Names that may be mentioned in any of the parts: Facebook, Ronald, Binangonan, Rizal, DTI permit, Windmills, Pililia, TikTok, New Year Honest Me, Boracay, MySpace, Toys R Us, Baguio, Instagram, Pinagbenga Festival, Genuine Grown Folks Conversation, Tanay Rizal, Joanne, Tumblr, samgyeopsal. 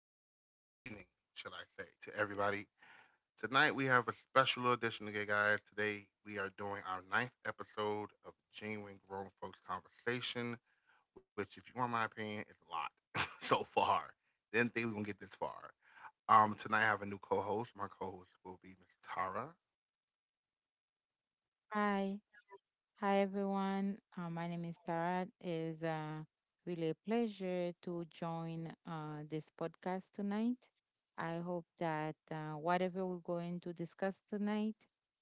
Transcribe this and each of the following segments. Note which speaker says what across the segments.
Speaker 1: welcome, everybody. Good evening, should I say, to everybody. Tonight we have a special edition today, guys. Today we are doing our ninth episode of Genuine Grown Folks Conversation, which, if you want my opinion, is a lot so far. Didn't think we were gonna get this far. Tonight I have a new co-host. My co-host will be Miss Tara.
Speaker 2: Hi, hi everyone. My name is Tara. It's really a pleasure to join this podcast tonight. I hope that whatever we're going to discuss tonight,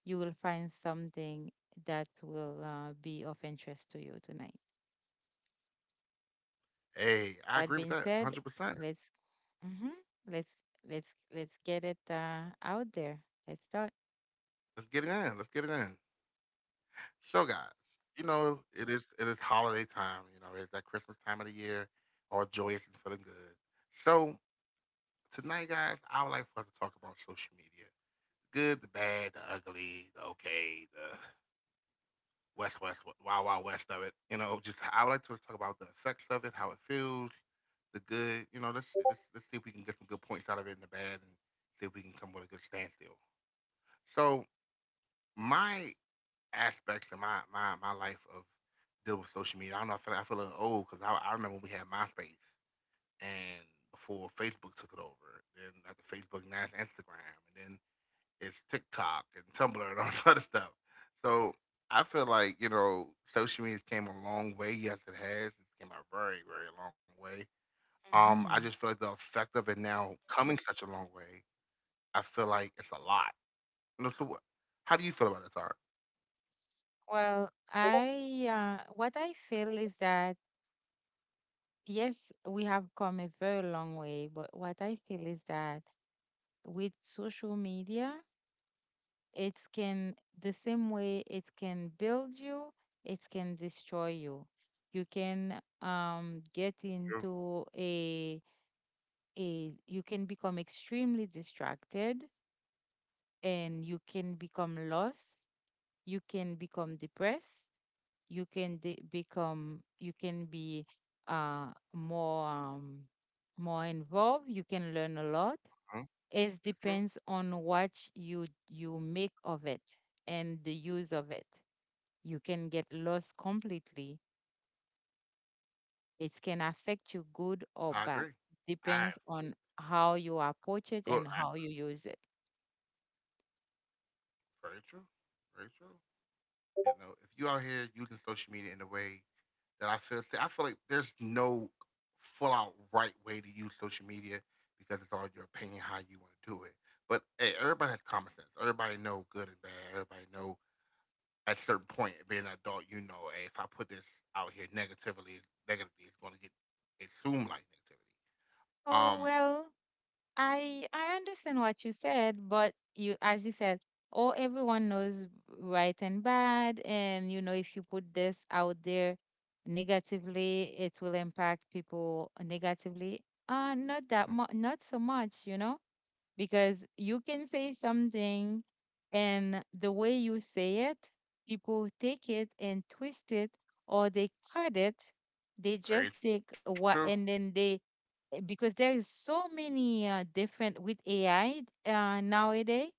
Speaker 2: you will find something that will be of interest to you tonight. That
Speaker 1: Hey,
Speaker 2: being
Speaker 1: I agree
Speaker 2: said,
Speaker 1: with that 100
Speaker 2: let's
Speaker 1: percent.
Speaker 2: mhm, let's let's get it
Speaker 1: Let's get it in.
Speaker 2: out
Speaker 1: Let's get
Speaker 2: there.
Speaker 1: it in.
Speaker 2: Let's start.
Speaker 1: So guys, you know, it is holiday time, you know, it's that Christmas time of the year, all joyous and feeling good. So tonight, guys, I would like for us to talk about social media. Good, the bad, the ugly, the okay, the West, Wild Wild West of it. You know, just I would like to talk about the effects of it, how it feels, the good, you know, let's see if we can get some good points out of it and the bad and see if we can come with a good standstill. So my aspects of my life of dealing with social media. I don't know. I feel like, I feel a little old because I remember when we had MySpace and before Facebook took it over. Then after Facebook, now it's Instagram, and then it's TikTok and Tumblr and all that other stuff. So I feel like you know social media came a long way. Yes, it has. It came a very very long way. I
Speaker 2: hmm
Speaker 1: just feel like the effect of it now coming such a long way. I feel like it's a lot. You know, how do you feel about that, Tara?
Speaker 2: Well, I what I feel is that, yes, we have come a very long way, but what I feel is that with social media, it can, the same way it can build you, it can destroy you. You can get into
Speaker 1: True.
Speaker 2: you can become extremely distracted, and you can become lost, you can become depressed, you can become, you can be uh more, more involved, you can learn a lot.
Speaker 1: Mhm.
Speaker 2: It depends
Speaker 1: That's true.
Speaker 2: on what you make of it and the use of it. You can get lost completely. It can affect you good
Speaker 1: I agree.
Speaker 2: or bad,
Speaker 1: I
Speaker 2: depends on how you approach
Speaker 1: good.
Speaker 2: it
Speaker 1: I,
Speaker 2: and how you use it.
Speaker 1: very true. Very true. You know, if you out here using social media in the way that I feel like there's no full out right way to use social media because it's all your opinion how you want to do it. But hey, everybody has common sense. Everybody know good and bad. Everybody know at a certain point being an adult, you know, hey, if I put this out here negatively, negatively, it's going to get assumed like negativity.
Speaker 2: Oh,
Speaker 1: Um,
Speaker 2: well, I understand what you said, but you, as you said, oh, everyone knows right and bad, and you know if you put this out there negatively, it will impact people negatively. Not that much, not so much, you know, because you can say something and the way you say it, people take it and twist it or they cut it. They just
Speaker 1: very
Speaker 2: take
Speaker 1: true.
Speaker 2: what and then they because there is so many different with AI nowadays.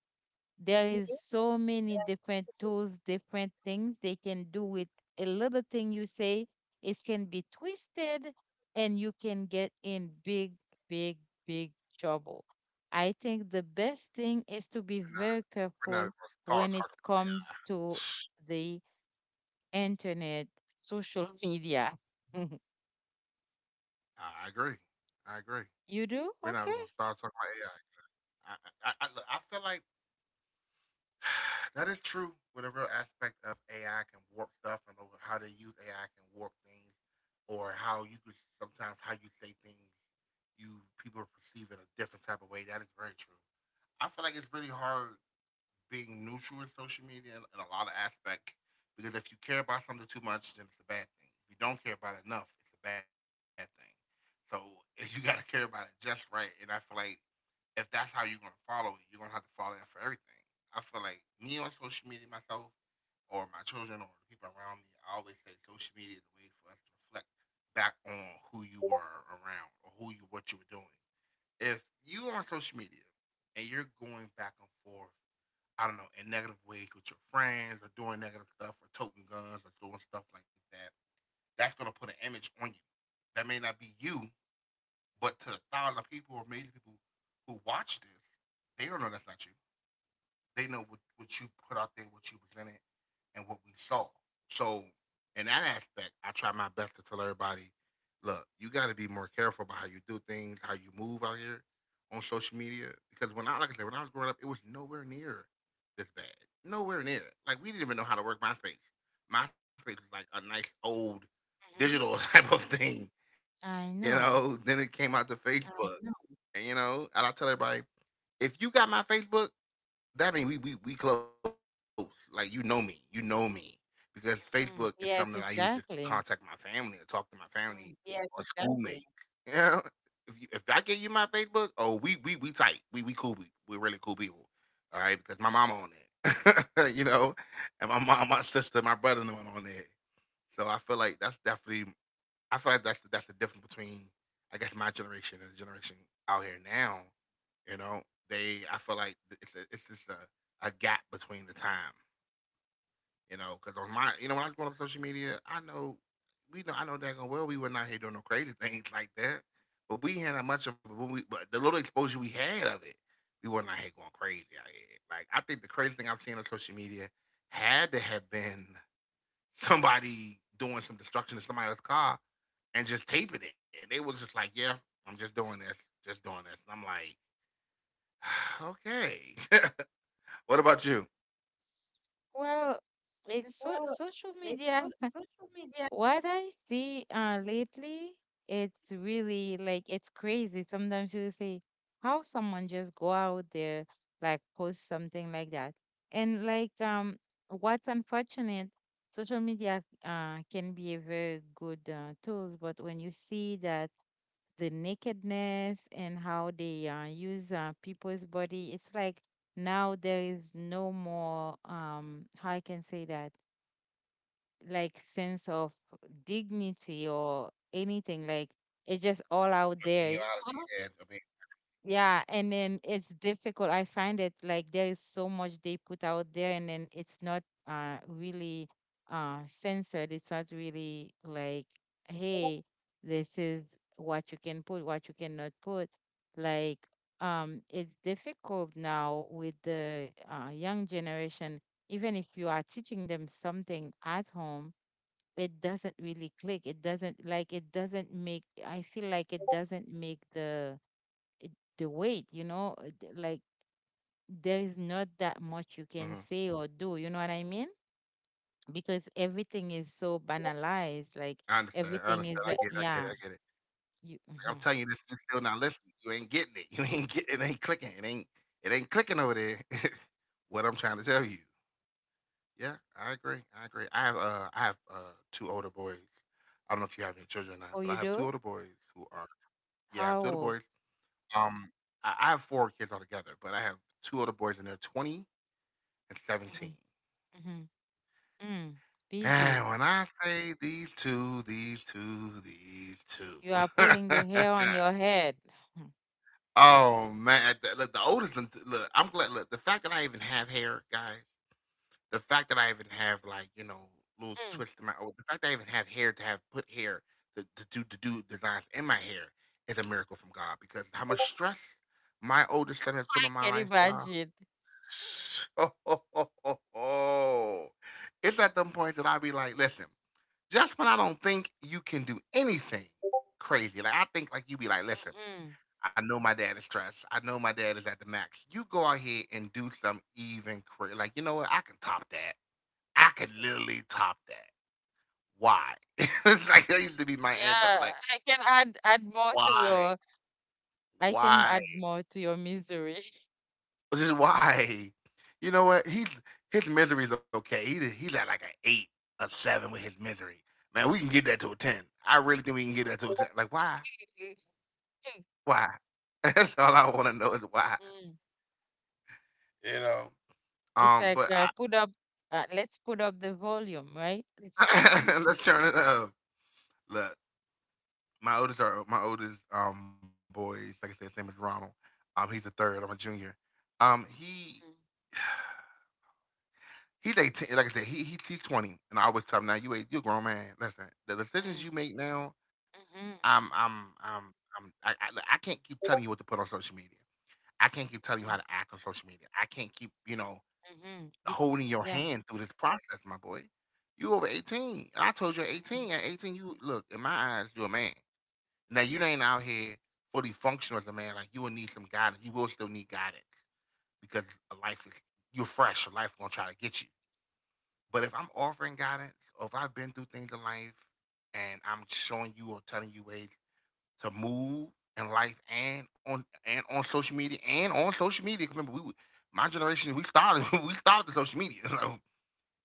Speaker 2: There is so many different tools, different things they can do with a little thing you say. It can be twisted, and you can get in big, big, big trouble. I think the best thing is to be
Speaker 1: We're not,
Speaker 2: very
Speaker 1: we're not
Speaker 2: careful
Speaker 1: gonna talk,
Speaker 2: when
Speaker 1: talk
Speaker 2: it
Speaker 1: about
Speaker 2: comes to the internet, social media.
Speaker 1: I agree. I agree.
Speaker 2: You do?
Speaker 1: We're not
Speaker 2: Okay.
Speaker 1: even gonna start talking about AI. Look, I feel like that is true with a real aspect of AI can warp stuff and over how they use AI can warp things or how you could sometimes how you say things you people perceive it a different type of way. That is very true. I feel like it's really hard being neutral in social media in a lot of aspects because if you care about something too much, then it's a bad thing. If you don't care about it enough, it's a bad thing. So if you got to care about it just right, and I feel like if that's how you're gonna follow it, you're gonna have to follow that for everything. I feel like me on social media myself, or my children, or the people around me, I always say social media is a way for us to reflect back on who you were around or who you what you were doing. If you are on social media and you're going back and forth I don't know, in negative ways with your friends or doing negative stuff or toting guns or doing stuff like that, that's gonna put an image on you. That may not be you, but to a thousand people or million people who watch this, they don't know that's not you they know what you put out there, what you presented, and what we saw. So in that aspect, I try my best to tell everybody, look, you got to be more careful about how you do things, how you move out here on social media. Because when I like I said, when I was growing up, it was nowhere near this bad. Nowhere near it. Like we didn't even know how to work MySpace. MySpace was like a nice old
Speaker 2: hmm
Speaker 1: digital type of thing. You
Speaker 2: I
Speaker 1: know, then
Speaker 2: know.
Speaker 1: it came out to Facebook. And you know, and I tell everybody, if you got my Facebook, that mean we close. Like you know me, because Facebook is something I use
Speaker 2: Mm,
Speaker 1: just to
Speaker 2: yes,
Speaker 1: contact my family or
Speaker 2: exactly.
Speaker 1: talk to my Mm, family Yes, or schoolmates. Exactly. Schoolmates. Yeah, if you, if I get you my Facebook, oh we tight. We cool. We really cool people. All right, because my mama on it, you know, and my mom, my sister, my brother, and them on there. So I feel like that's definitely I feel like that's the difference between I guess my generation and the generation out here now. You know, they I feel like it's a, it's just a gap between the time. You know, because on my you know when I go on social media, I know we know I know daggone well we were not here doing no crazy things like that. But we had a much of it, but we, but the little exposure we had of it, we were not here going crazy out here. Like I think the crazy thing I've seen on social media had to have been somebody doing some destruction to somebody else's car and just taping it. And they was just like, yeah, I'm just doing this, just doing this. And I'm like, okay. What about you?
Speaker 2: Well, in so social media, what I see lately, it's really like it's crazy. Sometimes you see how someone just go out there, like post something like that. And like what's unfortunate, social media can be a very good tools, but when you see that the nakedness and how they use people's body. It's like now there is no more, how I can say that, like sense of dignity or anything. Like it's just all out
Speaker 1: Genealogy,
Speaker 2: there.
Speaker 1: yeah, I mean,
Speaker 2: Yeah, and then it's difficult. I find it like there is so much they put out there, and then it's not really censored. It's not really like, hey, this is what you can put, what you cannot put. Like, it's difficult now with the young generation. Even if you are teaching them something at home, it doesn't really click. It doesn't like it doesn't make. I feel like it doesn't make the eh, the weight, you know, like
Speaker 1: yeah. Hmm.
Speaker 2: there is not that much you can say or do, you know what I mean? Because everything is so
Speaker 1: I understand. I
Speaker 2: banalized,
Speaker 1: understand.
Speaker 2: like
Speaker 1: I get it. I get it. I get
Speaker 2: everything
Speaker 1: it.
Speaker 2: is, yeah,
Speaker 1: Like, I'm telling you this,
Speaker 2: you,
Speaker 1: you still
Speaker 2: hmm
Speaker 1: not listening. You ain't getting it. You ain't get it. Ain't clicking. It ain't. It ain't clicking over there. what I'm trying to tell you. Yeah, I agree. I agree. I have. I have two older boys. I don't know if you have any children or not, but I
Speaker 2: oh,
Speaker 1: have
Speaker 2: you
Speaker 1: two older
Speaker 2: do?
Speaker 1: boys who are Yeah, two
Speaker 2: How
Speaker 1: other boys.
Speaker 2: old?
Speaker 1: Um, I have four kids altogether, but I have two older boys, and they're 20 and
Speaker 2: hmm
Speaker 1: 17.
Speaker 2: hmm mm,
Speaker 1: And
Speaker 2: busy.
Speaker 1: when I say these two,
Speaker 2: You are pulling the hair on your head.
Speaker 1: oh man, the oldest one. Look, I'm glad. Look, the fact that I even have hair, guys. The fact that I even have like you know little
Speaker 2: Mhm. Mm,
Speaker 1: twists in my. Oh, the fact that I even have hair to have put hair to do designs in my hair is a miracle from God because how much stress my oldest son has put
Speaker 2: I
Speaker 1: on my
Speaker 2: can
Speaker 1: lifestyle.
Speaker 2: imagine.
Speaker 1: So it's at them point that I be like, listen, just when I don't think you can do anything crazy, like I think like you be like, listen,
Speaker 2: hmm
Speaker 1: I know my dad is stressed. I know my dad is at the max. You go out here and do something even crazy. Like, you know what? I can top that. I can literally top that. Why? it's like that used to be my answer.
Speaker 2: Yeah,
Speaker 1: Like,
Speaker 2: I can add more to
Speaker 1: why?
Speaker 2: your, I can
Speaker 1: Why?
Speaker 2: add more to your misery.
Speaker 1: Just why? You know what? He's his misery's okay. He he's at like an eight, a seven with his misery. Man, we can get that to a ten. I really think we can get that to a ten. Like why? Why? That's all I want to know is why.
Speaker 2: Mhm.
Speaker 1: You know.
Speaker 2: It's
Speaker 1: Um,
Speaker 2: like
Speaker 1: but
Speaker 2: put up, let's put up the volume, right?
Speaker 1: I, let's turn it up. Look, my oldest are my oldest boys. Like I said, his name is Ronald. He's a third. I'm a junior. He he's 18. Like I said, he he's 20. And I always tell him now, you a you a grown man. Listen, the decisions you make now
Speaker 2: Mm-hmm.
Speaker 1: I'm I'm I'm I look, I can't keep telling you what to put on social media. I can't keep telling you how
Speaker 2: Mm-hmm.
Speaker 1: to act on social media. I can't keep, you know,
Speaker 2: Mm-hmm. Be-
Speaker 1: holding your
Speaker 2: yeah.
Speaker 1: hand through this process, my boy. You over 18. And I told you at 18. At 18, you look, in my eyes, you're a man. Now you ain't out here fully functional as a man. Like you will need some guidance. You will still need guidance because life is you're fresh. Life gonna try to get you. But if I'm offering guidance, or if I've been through things in life and I'm showing you or telling you ways to move in life and on social media. 'Cause remember, we were my generation we started we started the social media. So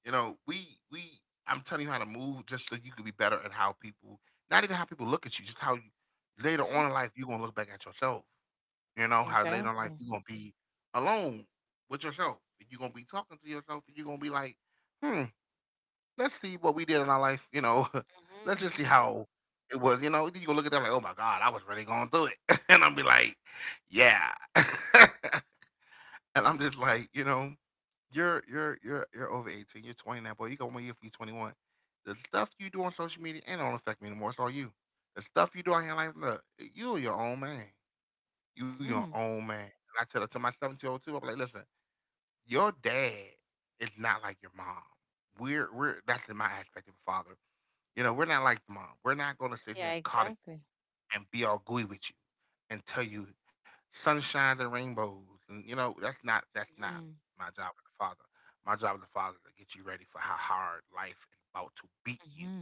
Speaker 1: you know we I'm telling you how to move just so you could be better at how people, not even how people look at you, just how you, later
Speaker 2: Mm-hmm.
Speaker 1: on in life you're gonna look back at yourself. You know how later in life
Speaker 2: Exactly.
Speaker 1: you're gonna be alone with yourself. You're gonna be talking to yourself. And You're gonna be like, hmm, let's see what we did in our life.
Speaker 2: Mm-hmm.
Speaker 1: Let's just see
Speaker 2: Mm-hmm.
Speaker 1: how it was, you know. You go look at them like, oh my God, I was really going through it. and I am be like, yeah. and I'm just like, you're over 18, you're 20 now, boy. You got 1 year for you 21. The stuff you do on social media ain't don't affect me anymore. It's all you. The stuff you do out here in life, look, you your own man. You your
Speaker 2: Mm-hmm.
Speaker 1: own man. And I tell it to my 17-year-old too. I'm like, listen, your dad is not like your mom. We're that's in my aspect of a father, you know, we're not like the mom. We're not going to sit here
Speaker 2: Yeah,
Speaker 1: and coddle
Speaker 2: exactly.
Speaker 1: you and be all gooey with you and tell you sunshines and rainbows. And you know, that's not
Speaker 2: Mm-hmm.
Speaker 1: my job as a father. My job as a father to get you ready for how hard life is about to beat you,
Speaker 2: Mm-hmm.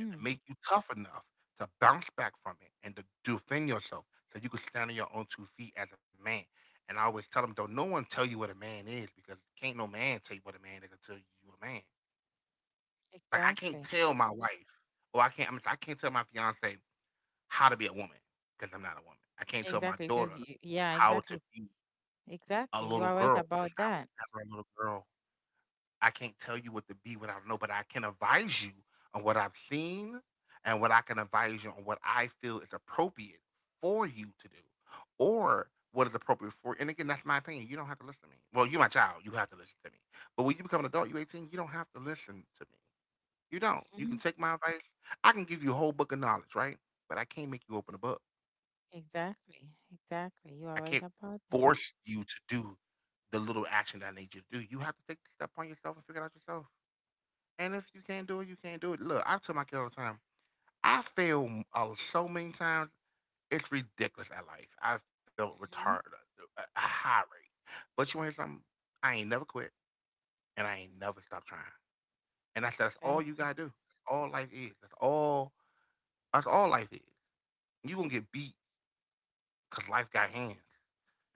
Speaker 1: and to make you tough enough to bounce back from it and to defend yourself so you can stand on your own 2 feet as a man. And I always tell them, don't no one tell you what a man is because can't no man tell you what a man is until you a man. Like I can't
Speaker 2: Exactly.
Speaker 1: tell my wife, or I can't. I can't tell my fiance how to be a woman because I'm not a woman. I can't tell my
Speaker 2: Exactly.
Speaker 1: daughter
Speaker 2: Because you, yeah,
Speaker 1: how to
Speaker 2: exactly.
Speaker 1: be a
Speaker 2: Exactly. You
Speaker 1: little
Speaker 2: are
Speaker 1: girl
Speaker 2: right
Speaker 1: because
Speaker 2: about
Speaker 1: I was
Speaker 2: that.
Speaker 1: never a little girl. I can't tell you what to be, what I don't know, but I can advise you on what I've seen, and what I can advise you on what I feel is appropriate for you to do, or what is appropriate for you. And again, that's my opinion. You don't have to listen to me. Well, you're my child. You have to listen to me. But when you become an adult, you're 18, you don't have to listen to me. You don't. You
Speaker 2: Mm-hmm.
Speaker 1: can take my advice. I can give you a whole book of knowledge, right? But I can't make you open a book.
Speaker 2: Exactly. Exactly.
Speaker 1: I
Speaker 2: You are
Speaker 1: can't
Speaker 2: right about that.
Speaker 1: force you to do the little action that I need you to do. You have to take the step on yourself and figure it out yourself. And if you can't do it, you can't do it. Look, I tell my kid all the time, I fail so many times. It's ridiculous at life. I felt retarded,
Speaker 2: Mm-hmm.
Speaker 1: a high rate. But you want to hear something? I ain't never quit and I ain't never stopped trying. And that's all you
Speaker 2: Exactly.
Speaker 1: got to do. That's all life is. That's all life is. You going to get beat because life got hands.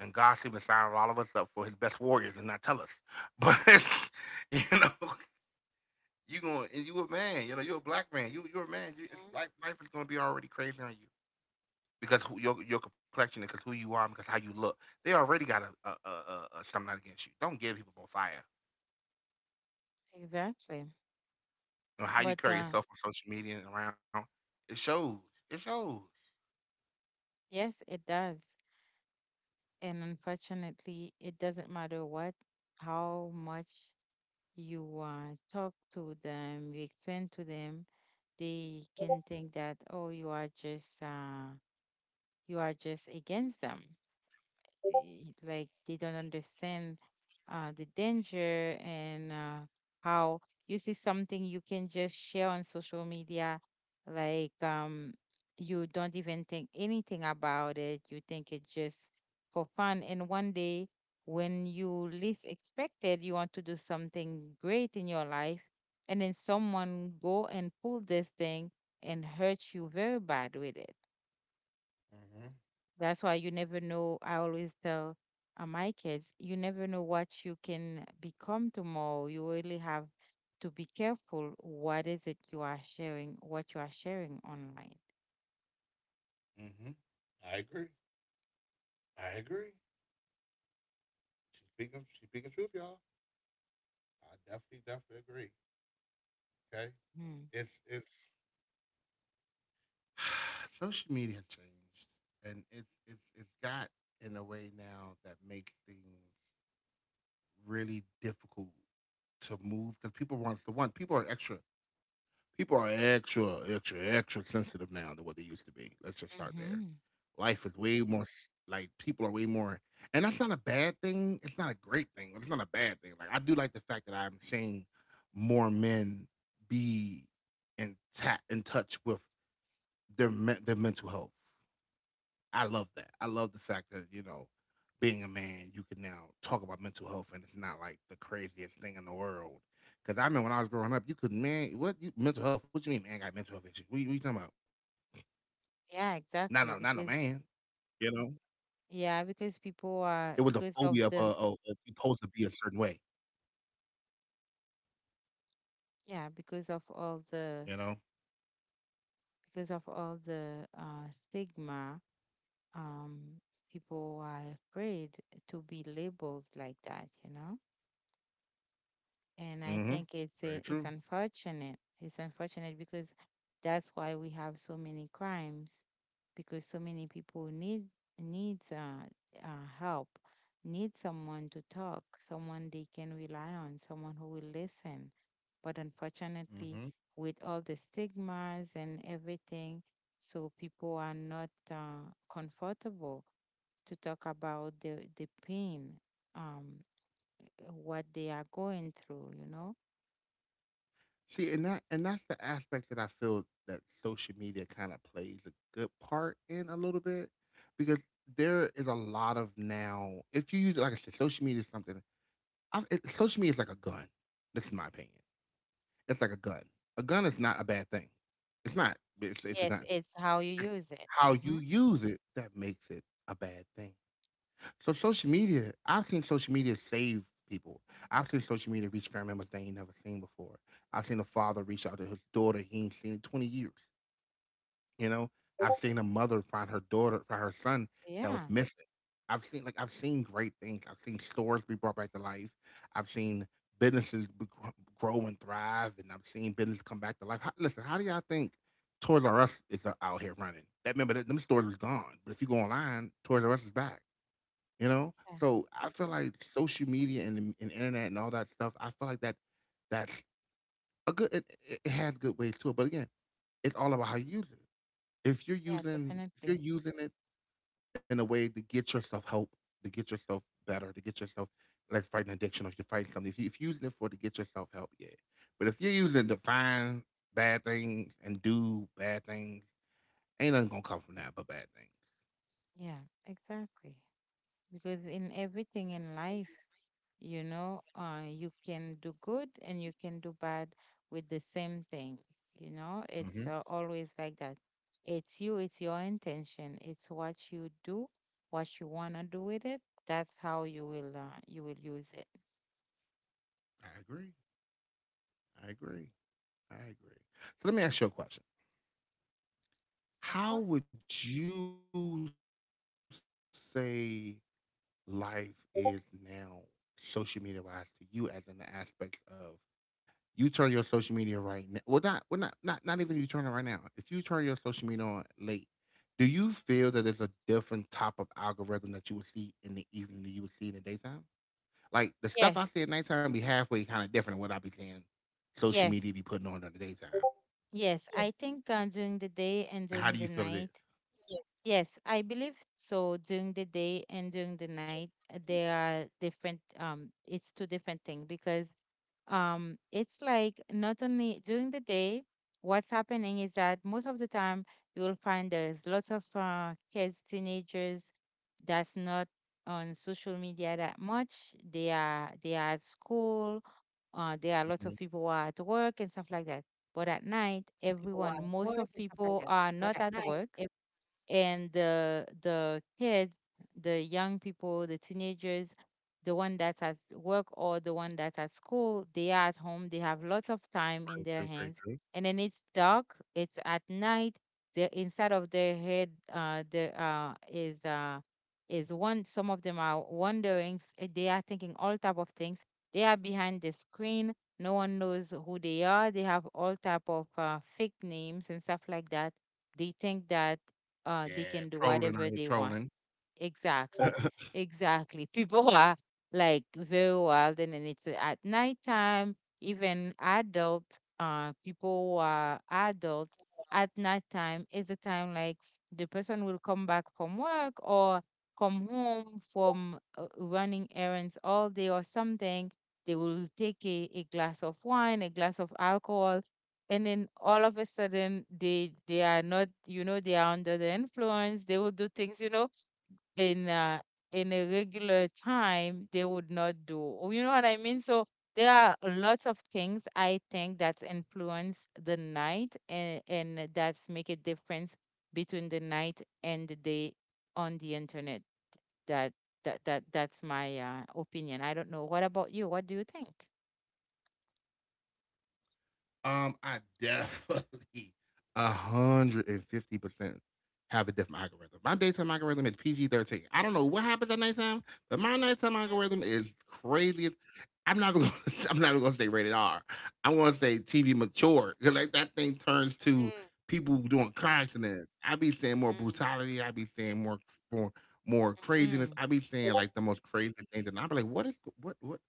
Speaker 1: And God seemed to sign all of us up for his best warriors and not tell us. But you know, you going and you a man, you know, you're a black man. You you're a man. You, it's, life is gonna be already crazy on you because your complexion, because who you are, because how you look. They already got a something out against you. Don't give people more fire.
Speaker 2: Exactly.
Speaker 1: You know, how
Speaker 2: But
Speaker 1: you carry yourself on social media and around, it shows. It shows.
Speaker 2: yes, it does. And unfortunately, it doesn't matter what, how much you talk to them, you explain to them, they can think that, oh, you are just against them, like they don't understand the danger and how you see something you can just share on social media, like you don't even think anything about it. You think it's just for fun. And one day, when you least expected, you want to do something great in your life, and then someone go and pull this thing and hurt you very bad with it.
Speaker 1: Mm-hmm.
Speaker 2: That's why you never know. I always tell my kids, you never know what you can become tomorrow. You really have to be careful what is it you are sharing, what you are sharing online.
Speaker 1: Mm-hmm. I agree. I agree. She's speaking truth, y'all. I definitely, definitely agree. Okay.
Speaker 2: Mm.
Speaker 1: It's Social media changed, and it's it's got in a way now that makes things really difficult to move because people want to one people are extra extra extra sensitive now than what they used to be. Let's just start there.
Speaker 2: hmm
Speaker 1: Life is way more s- like people are way more, and that's not a bad thing. It's not a great thing, but it's not a bad thing. Like I do like the fact that I'm seeing more men be in touch with their mental health. I love that. I love the fact that, you know, being a man, you can now talk about mental health and it's not like the craziest thing in the world. Cause I remember when I was growing up, you could man, what you mental health? What you mean man got mental health issues? What you talking about?
Speaker 2: Yeah,
Speaker 1: Not no
Speaker 2: exactly.
Speaker 1: man.
Speaker 2: Because,
Speaker 1: You know?
Speaker 2: yeah, because people
Speaker 1: It was
Speaker 2: are,
Speaker 1: the
Speaker 2: because
Speaker 1: phobia
Speaker 2: of the,
Speaker 1: of you supposed to be a certain way,
Speaker 2: yeah,
Speaker 1: you
Speaker 2: because of
Speaker 1: know?
Speaker 2: all the, because of all the stigma, um, people are afraid to be labeled like that, you know?
Speaker 1: Mm-hmm.
Speaker 2: And I
Speaker 1: Very
Speaker 2: think
Speaker 1: true.
Speaker 2: it's a, it's unfortunate. It's unfortunate because that's why we have so many crimes, because so many people need, needs help, need someone to talk, someone they can rely on, someone who will listen. But
Speaker 1: Mm-hmm.
Speaker 2: unfortunately, with all the stigmas and everything, so people are not comfortable to talk about the pain, um, what they are going through. You know.
Speaker 1: See, and that's the aspect that I feel that social media kind of plays a good part in a little bit because there is a lot of now. If you use, like I said, social media is something. Social media is like a gun. This is my opinion. It's like a gun. A gun is not a bad thing. It's not. It's a
Speaker 2: Yes,
Speaker 1: gun.
Speaker 2: it's how you
Speaker 1: It's
Speaker 2: use it.
Speaker 1: how you use it that makes it a bad thing. So social media, I think social media saves people. I've seen social media reach family members they ain't never seen before. I've seen a father reach out to his daughter he ain't seen in 20 years. You know, I've seen a mother find her daughter, find her son that was
Speaker 2: Yeah,
Speaker 1: missing. I've seen great things. I've seen stores be brought back to life. I've seen businesses be- gr- grow and thrive, and I've seen business come back to life. How, listen, how do y'all think Toys R Us is out here running? That remember that them stores was gone, but if you go online, Toys R Us is back. You know?
Speaker 2: yeah,
Speaker 1: So I feel
Speaker 2: mhm.
Speaker 1: like social media and, internet and all that stuff, I feel like that's a good it, it it has good ways to it. But again, it's all about how you use it.
Speaker 2: Yeah,
Speaker 1: If you're
Speaker 2: definitely.
Speaker 1: using it in a way to get yourself help, to get yourself better, to get yourself like fighting addiction, or if you're fighting something, if you're using it for to get yourself help, yeah. But if you're using it to find bad things and do bad things, ain't nothing gonna come from that but bad things.
Speaker 2: Yeah, exactly. Because in everything in life, you know, you can do good and you can do bad with the same thing. You know, it's
Speaker 1: Hmm.
Speaker 2: always like that. It's you, it's your intention, it's what you do, what you wanna do with it. That's how you will use it.
Speaker 1: I agree. I agree. I agree. So let me ask you a question.
Speaker 2: Of course.
Speaker 1: How would you say life is now social media wise to you as in the aspect of you turn your social media right now? Well, not not not even you turn it right now. If you turn your social media on late, do you feel that there's a different type of algorithm that you would see in the evening that you would see in the daytime? Like the stuff I see
Speaker 2: Yes,
Speaker 1: at nighttime be halfway kind of different than what I be seeing social media be
Speaker 2: yes,
Speaker 1: putting on during the daytime.
Speaker 2: yes. I think during the day and
Speaker 1: How do
Speaker 2: during
Speaker 1: you
Speaker 2: the
Speaker 1: feel it is?
Speaker 2: night, yes, I believe so. During the day and during the night, they are different. It's two different things because it's like not only during the day, what's happening is that most of the time you will find there's lots of kids, teenagers that's not on social media that much. They are at school.
Speaker 1: Mhm.
Speaker 2: There are lots of people who are at work and stuff like that. But at night, everyone, most of people are not at work, and the kids, the young people, the teenagers, the one that's at work or the one that's at school, they are at home. They have lots of time in their
Speaker 1: Very
Speaker 2: hands,
Speaker 1: true, very
Speaker 2: and
Speaker 1: true.
Speaker 2: then it's dark. It's at night. The inside of their head, there is one. Some of them are wondering. They are thinking all type of things. They are behind the screen. No one knows who they are. They have all type of fake names and stuff like that they think that they can do
Speaker 1: Yeah,
Speaker 2: whatever they want.
Speaker 1: trolling. I hear trolling.
Speaker 2: Exactly. Exactly. People are like very wild, and then it's at nighttime, even adult people who are adult, at nighttime is the time like the person will come back from work or come home from running errands all day or something. They will take a glass of wine, a glass of alcohol, and then all of a sudden they are not, you know, they are under the influence. They will do things, you know, in uh, in a regular time they would not do. Oh, you know what I mean? So there are lots of things I think that influence the night, and that's make a difference between the night and the day on the internet. that that's my opinion. I don't know, what about you? What do you think?
Speaker 1: I definitely 150% have a different algorithm. My daytime algorithm is PG 13. I don't know what happens at nighttime, but my nighttime algorithm is crazy. I'm not gonna, I'm not gonna say rated R. I'm gonna say TV mature. 'Cause like that thing turns to people doing car accidents. I be seeing more
Speaker 2: Mhm,
Speaker 1: brutality. I be seeing more more
Speaker 2: mhm,
Speaker 1: craziness.
Speaker 2: mhm.
Speaker 1: I be seeing like the most crazy things, and I be like, what what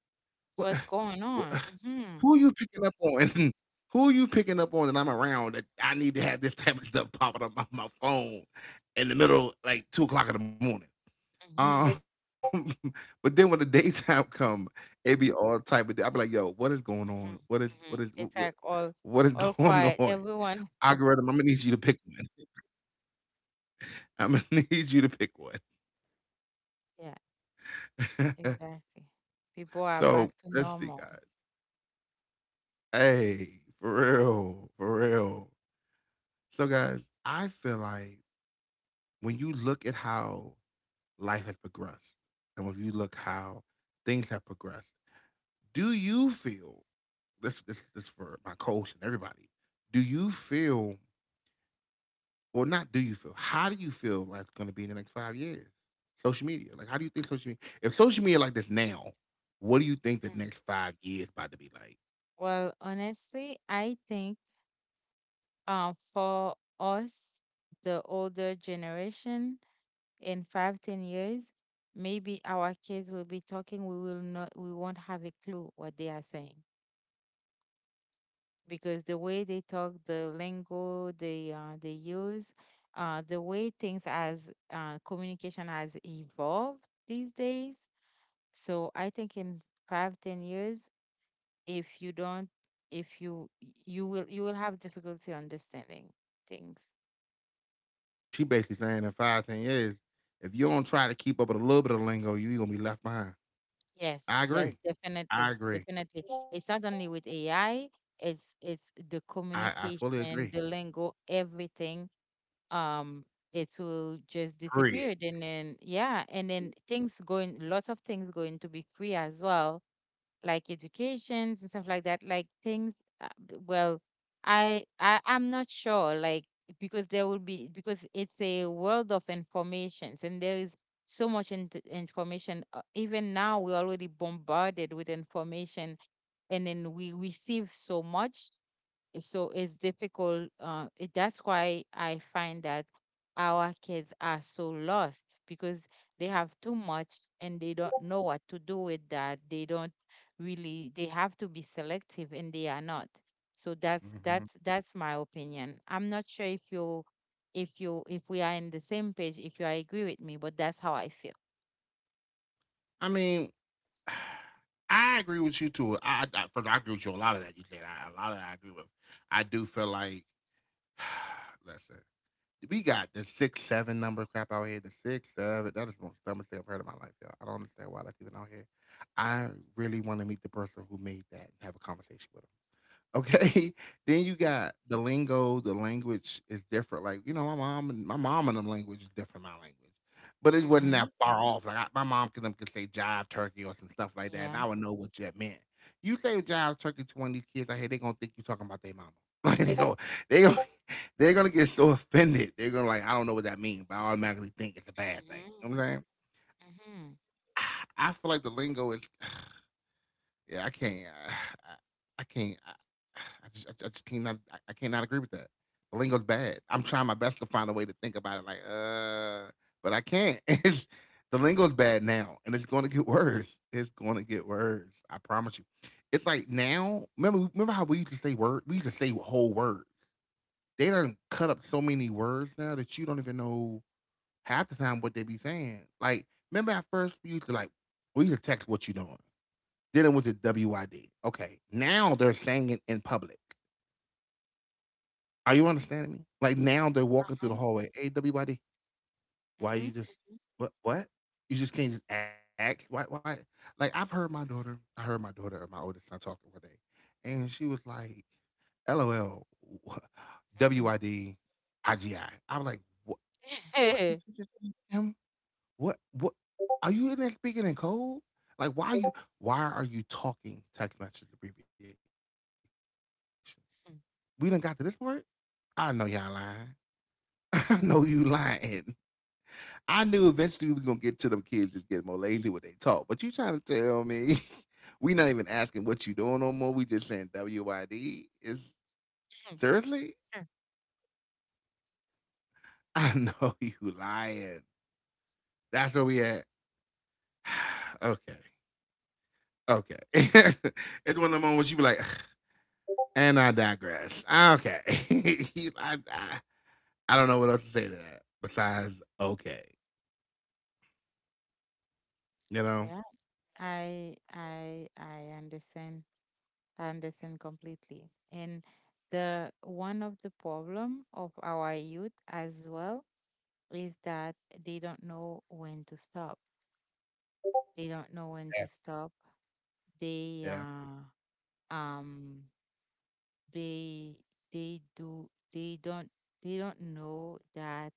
Speaker 1: what
Speaker 2: What's going
Speaker 1: what
Speaker 2: on?
Speaker 1: who are you picking up on? Who are you picking up on that I'm around that I need to have this type of stuff popping up on my phone in the middle, like 2 o'clock in the morning?
Speaker 2: Mhm,
Speaker 1: Um, but then when the daytime come, it be all type of I'll be like, "Yo, what is going
Speaker 2: mhm,
Speaker 1: on?
Speaker 2: mhm. It's like
Speaker 1: What is
Speaker 2: all
Speaker 1: going
Speaker 2: quiet,
Speaker 1: on?
Speaker 2: everyone.
Speaker 1: Algorithm, I'm gonna need you to pick one. I'm gonna need you to pick one."
Speaker 2: Yeah. Exactly. People are back
Speaker 1: So,
Speaker 2: to
Speaker 1: let's see,
Speaker 2: normal.
Speaker 1: guys. Hey, for real. So, guys, I feel like when you look at how life has progressed, and when you look how things have progressed, do you feel this? This for my coach and everybody. Do you feel, or not? Do you feel? How do you feel life's going to be in the next 5 years? Social media, like, how do you think social media? If social media like this now, what do you think the
Speaker 2: Mm.
Speaker 1: next 5 years about to be like?
Speaker 2: Well, honestly, I think for us, the older generation, in 5, 10 years, maybe our kids will be talking. We will not. We won't have a clue what they are saying because the way they talk, the lingo they use, the way things as communication has evolved these days. So I think in 5, 10 years, if you don't, if you, you will, you will have difficulty understanding things.
Speaker 1: So she basically saying in five, 10 years, if you don't try to keep up with a little bit of lingo, you're gonna be left behind.
Speaker 2: Yes,
Speaker 1: I agree.
Speaker 2: definitely,
Speaker 1: I agree.
Speaker 2: definitely. It's not only with AI,
Speaker 1: I fully
Speaker 2: it's the
Speaker 1: agree.
Speaker 2: communication, the lingo, everything. um it
Speaker 1: Period.
Speaker 2: will just disappear, and then, yeah, and then things going, lots of things going to be free as well, like educations and stuff like that, like things, well, I'm not sure, like, because there will be, because it's a world of informations, and there is so much information. Even now we're already bombarded with information, and then we receive so much. So it's difficult. That's why I find that our kids are so lost because they have too much and they don't know what to do with that. They don't really. They have to be selective, and they are not. So
Speaker 1: Mhm.
Speaker 2: that's my opinion. I'm not sure if you, if you, if we are in the same page, if you agree with me, but that's how I feel.
Speaker 1: I mean, I agree with you too. I first I agree with you on a lot of that you said. I, a lot of that I agree with. I do feel like listen, we got the 6 7 number crap out here. The 6 7, that is the most dumbest thing I've heard in my life, y'all. I don't understand why that's even out here. I really want to meet the person who made that and have a conversation with 'em. Okay. Then you got the lingo, the language is different. Like, you know, my mom and them language is different, my language. But it wasn't
Speaker 2: Mm-hmm.
Speaker 1: that far off. My mom could, them could say jive turkey or some stuff like that, and
Speaker 2: Yeah.
Speaker 1: I would know what that meant. You say jive turkey to one of these kids out here, they're gonna think you talking about their mama. Like they go, they go, they're gonna get so offended. They're gonna like, I don't know what that means, but I automatically think it's a bad thing. You
Speaker 2: Mhm.
Speaker 1: know what I'm saying?
Speaker 2: Mm-hmm.
Speaker 1: I feel like the lingo is yeah, I can't. I can't. I, I just can't. I can't not agree with that. The lingo's bad. I'm trying my best to find a way to think about it, like, but I can't. It's, the lingo's bad now, and it's going to get worse. It's going to get worse. I promise you. It's like now. Remember how we used to say word. We used to say whole words. They done cut up so many words now that you don't even know half the time what they be saying. Like, remember at first we used to like we used to text what you doing. Then it was the WID. Okay. Now they're saying it in public. Are you understanding me? Like now they're walking through
Speaker 2: Uh-huh.
Speaker 1: the hallway. Hey, WID, why
Speaker 2: Mhm.
Speaker 1: you just
Speaker 2: Mhm.
Speaker 1: what? You just can't just act? Why like I heard my daughter or my oldest son talking one day, and she was like, "L O L
Speaker 2: Mm-hmm.
Speaker 1: W I D I G I." I'm like, what did you just ask him? What are you in there speaking in code? Like why are you talking text message abbreviations? We done got to this part. I know y'all lying. I know you lying. I knew eventually we was gonna get to them kids just get more lazy when they talk. But you trying to tell me we not even asking what you doing no more. We just saying WYD. Is seriously?
Speaker 2: Mhm.
Speaker 1: I know you lying. That's where we at. Okay. Okay. It's one of the moments you be like, and I digress. Okay. I, I, I don't know what else to say to that besides okay. You know?
Speaker 2: Mm. I understand. I understand completely. And the one of the problem of our youth as well is that they don't know when to stop. They don't know when to
Speaker 1: Yeah.
Speaker 2: stop. They
Speaker 1: Yeah,
Speaker 2: uh um they they do they don't know that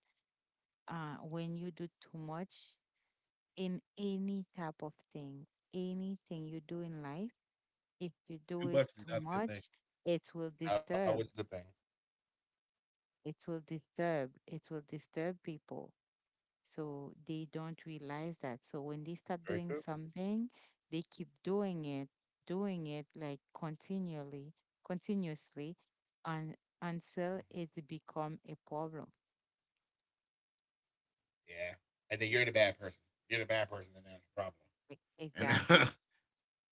Speaker 2: when you do too much in any type of thing, anything you do in life, if you do it
Speaker 1: too much
Speaker 2: too
Speaker 1: is not a good
Speaker 2: much,
Speaker 1: thing.
Speaker 2: it will
Speaker 1: Not always
Speaker 2: disturb.
Speaker 1: a good thing.
Speaker 2: It will disturb people. So they don't realize that. So when they
Speaker 1: Very true.
Speaker 2: start doing something, they keep doing it, doing it, like continually, continuously, and until
Speaker 1: Mm-hmm.
Speaker 2: it become a problem.
Speaker 1: Yeah. And then you're the bad person. You're the bad person, and that's the problem.
Speaker 2: Exactly.
Speaker 1: And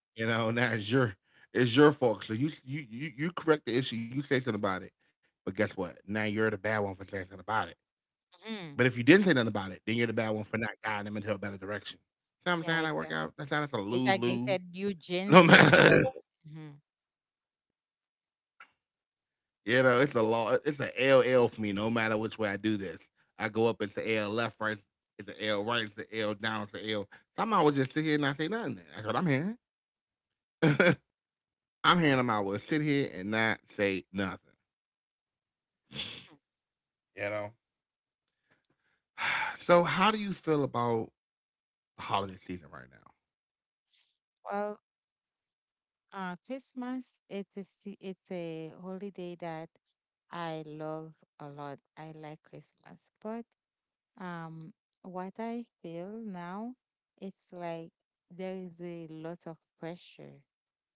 Speaker 1: you know, now it's your fault. So you correct the issue. You say something about it, but guess what? Now you're the bad one for saying something about it. But
Speaker 2: Mhm.
Speaker 1: if you didn't say nothing about it, then you're the bad one for not guiding them into a better direction. See what I'm
Speaker 2: Yeah,
Speaker 1: saying? That work out.
Speaker 2: exactly.
Speaker 1: That's how that's a
Speaker 2: It's
Speaker 1: lose
Speaker 2: like they
Speaker 1: lose.
Speaker 2: said, Eugene
Speaker 1: No
Speaker 2: said,
Speaker 1: matter
Speaker 2: like, mhm.
Speaker 1: you know, it's a law. It's an L L for me. No matter which way I do this, I go up. It's the L left, right. It's the L right. It's the L down. It's the L. Somehow I would just sit here and not say nothing. Then. That's what I'm hearing. I'm hearing them. I will sit here and not say nothing. You know. So, how do you feel about the holiday season right now?
Speaker 2: Well, Christmas, it's a holiday that I love a lot. I like Christmas. But um what I feel now, it's like there is a lot of pressure.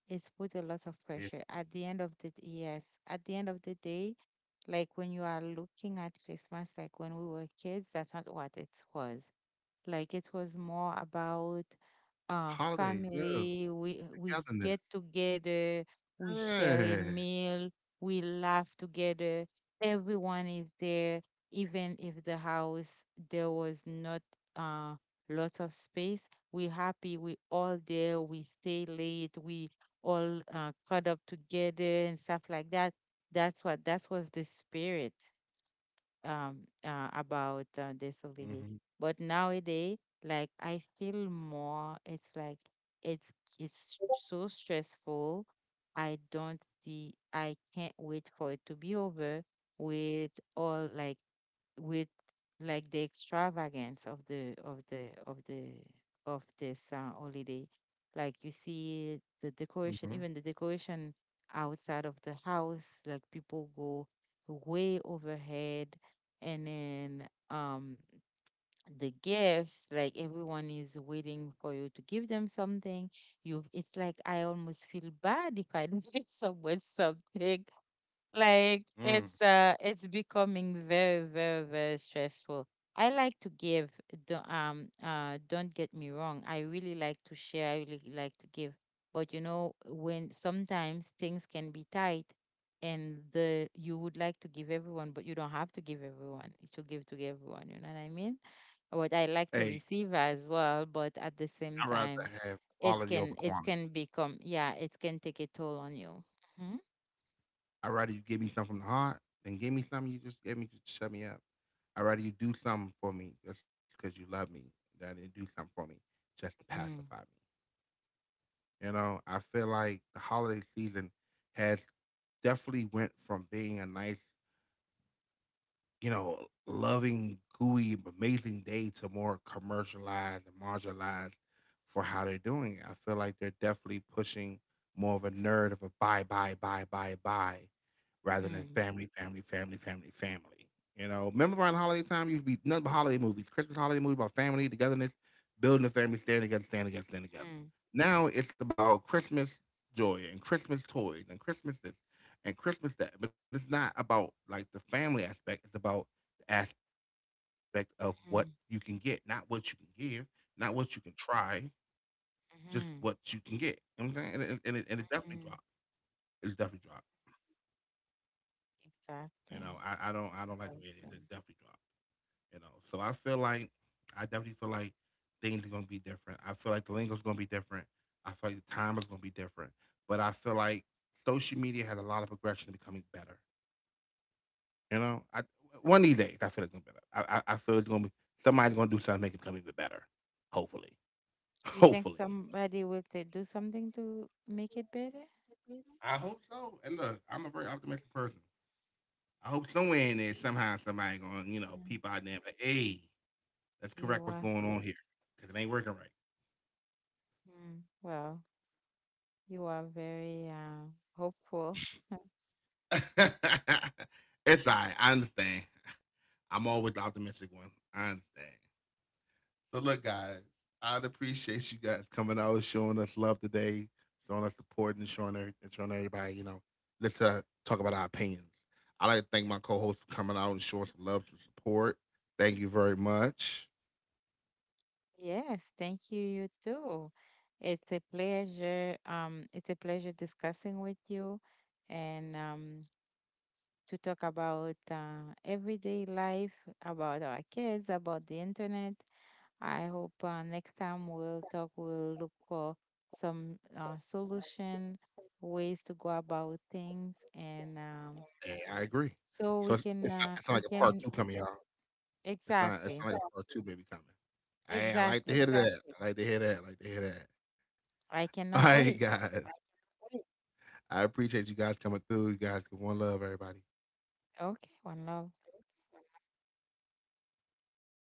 Speaker 2: It's put a lot of pressure
Speaker 1: It's
Speaker 2: at the end of the yes, at the end of the day, like when you are looking at Christmas, like when we were kids, that's not what it was. Like it was more about
Speaker 1: holiday
Speaker 2: family.
Speaker 1: love,
Speaker 2: We get
Speaker 1: togetherness.
Speaker 2: together, we share a
Speaker 1: Yeah.
Speaker 2: meal, we laugh together. Everyone is there, even if the house there was not uh, lots of space. We're happy. We all there. We stay late. We all caught up together and stuff like that. That was the spirit about
Speaker 1: Mm-hmm,
Speaker 2: disability. But nowadays, like I feel more. It's like it's it's so stressful. I don't see. I can't wait for it to be over with, all like, with like the extravagance of the of the of the of this holiday. Like you see the
Speaker 1: mm-hmm,
Speaker 2: decoration, even the decoration outside of the house, like people go way overhead. And then the gifts, like everyone is waiting for you to give them something. You, it's like I almost feel bad if I don't give someone something. Like
Speaker 1: mm.
Speaker 2: it's becoming very, very, very stressful. I like to give. Don't, don't get me wrong, I really like to share, I really like to give. But you know, when sometimes things can be tight, and the you would like to give everyone, but you don't have to give everyone, to give to everyone, you know what I mean. But I like to
Speaker 1: Hey,
Speaker 2: receive as well, but at the same
Speaker 1: I'd rather
Speaker 2: time
Speaker 1: have
Speaker 2: it
Speaker 1: quality
Speaker 2: can,
Speaker 1: over
Speaker 2: it
Speaker 1: quantity.
Speaker 2: can become, yeah, it can take a toll on you. Mhm.
Speaker 1: I'd rather you give me something from the heart than give me something you just gave me to shut me up. I'd rather you do something for me just because you love me than you do something for me just to pacify
Speaker 2: Mm,
Speaker 1: me. You know, I feel like the holiday season has definitely went from being a nice, you know, loving, gooey, amazing day to more commercialized and marginalized for how they're doing it. I feel like they're definitely pushing more of a nerd of a buy, buy, buy, buy, buy, rather than
Speaker 2: mm,
Speaker 1: family, family, family, family, family. You know, remember around holiday time, you'd be nothing but holiday movies, Christmas holiday movies about family, togetherness, building a family, staying together.
Speaker 2: mm.
Speaker 1: Now it's about Christmas joy and Christmas toys and Christmas this and Christmas that, but it's not about like the family aspect. It's about aspect of what you can get, not what
Speaker 2: Mm,
Speaker 1: you can give, not what you can try, just what you can get.
Speaker 2: mhm,
Speaker 1: You know what I'm saying? And it definitely dropped.
Speaker 2: mhm.
Speaker 1: It's definitely dropped. You know,
Speaker 2: Exactly.
Speaker 1: I don't like the way it is. It definitely dropped. You know, so I feel like I definitely feel like things are gonna be different. I feel like the lingo's gonna be different. I feel like the time is gonna be different. But I feel like social media has a lot of progression in becoming better. You know, I one of these days I feel it's gonna be better. I feel it's gonna be somebody's gonna do something to make it become even better. Hopefully.
Speaker 2: You think
Speaker 1: Hopefully.
Speaker 2: somebody will do something to make it better?
Speaker 1: I hope so. And look, I'm a very optimistic person. I hope somewhere in there, somehow, somebody gonna, you know,
Speaker 2: Um,
Speaker 1: peep out there. But, hey, let's
Speaker 2: you
Speaker 1: correct what's
Speaker 2: are,
Speaker 1: going on here because it ain't working right.
Speaker 2: mm, well, you are very hopeful.
Speaker 1: It's all right. I understand. I'm always the optimistic one. I understand. So look, guys, I'd appreciate you guys coming out, showing us love today, showing us support, and and showing everybody. You know, let's talk about our opinions. I like to thank my co-host for coming out and showing some love and support. Thank you very much.
Speaker 2: Yes, thank you, you too. It's a pleasure. It's a pleasure discussing with you and to talk about everyday life, about our kids, about the internet. I hope next time we'll talk, we'll look for some solution, ways to go about things, and
Speaker 1: And I agree.
Speaker 2: so
Speaker 1: So
Speaker 2: we can,
Speaker 1: it's not
Speaker 2: we
Speaker 1: like a part
Speaker 2: can,
Speaker 1: two coming, y'all. It's not. It's
Speaker 2: exactly,
Speaker 1: not like a part two baby coming. Hey, I like to
Speaker 2: exactly.
Speaker 1: hear that. I like to hear that. I like to hear that. All
Speaker 2: I
Speaker 1: right,
Speaker 2: cannot wait.
Speaker 1: guys. I appreciate you guys coming through. You guys, give one love, everybody.
Speaker 2: Okay, one love.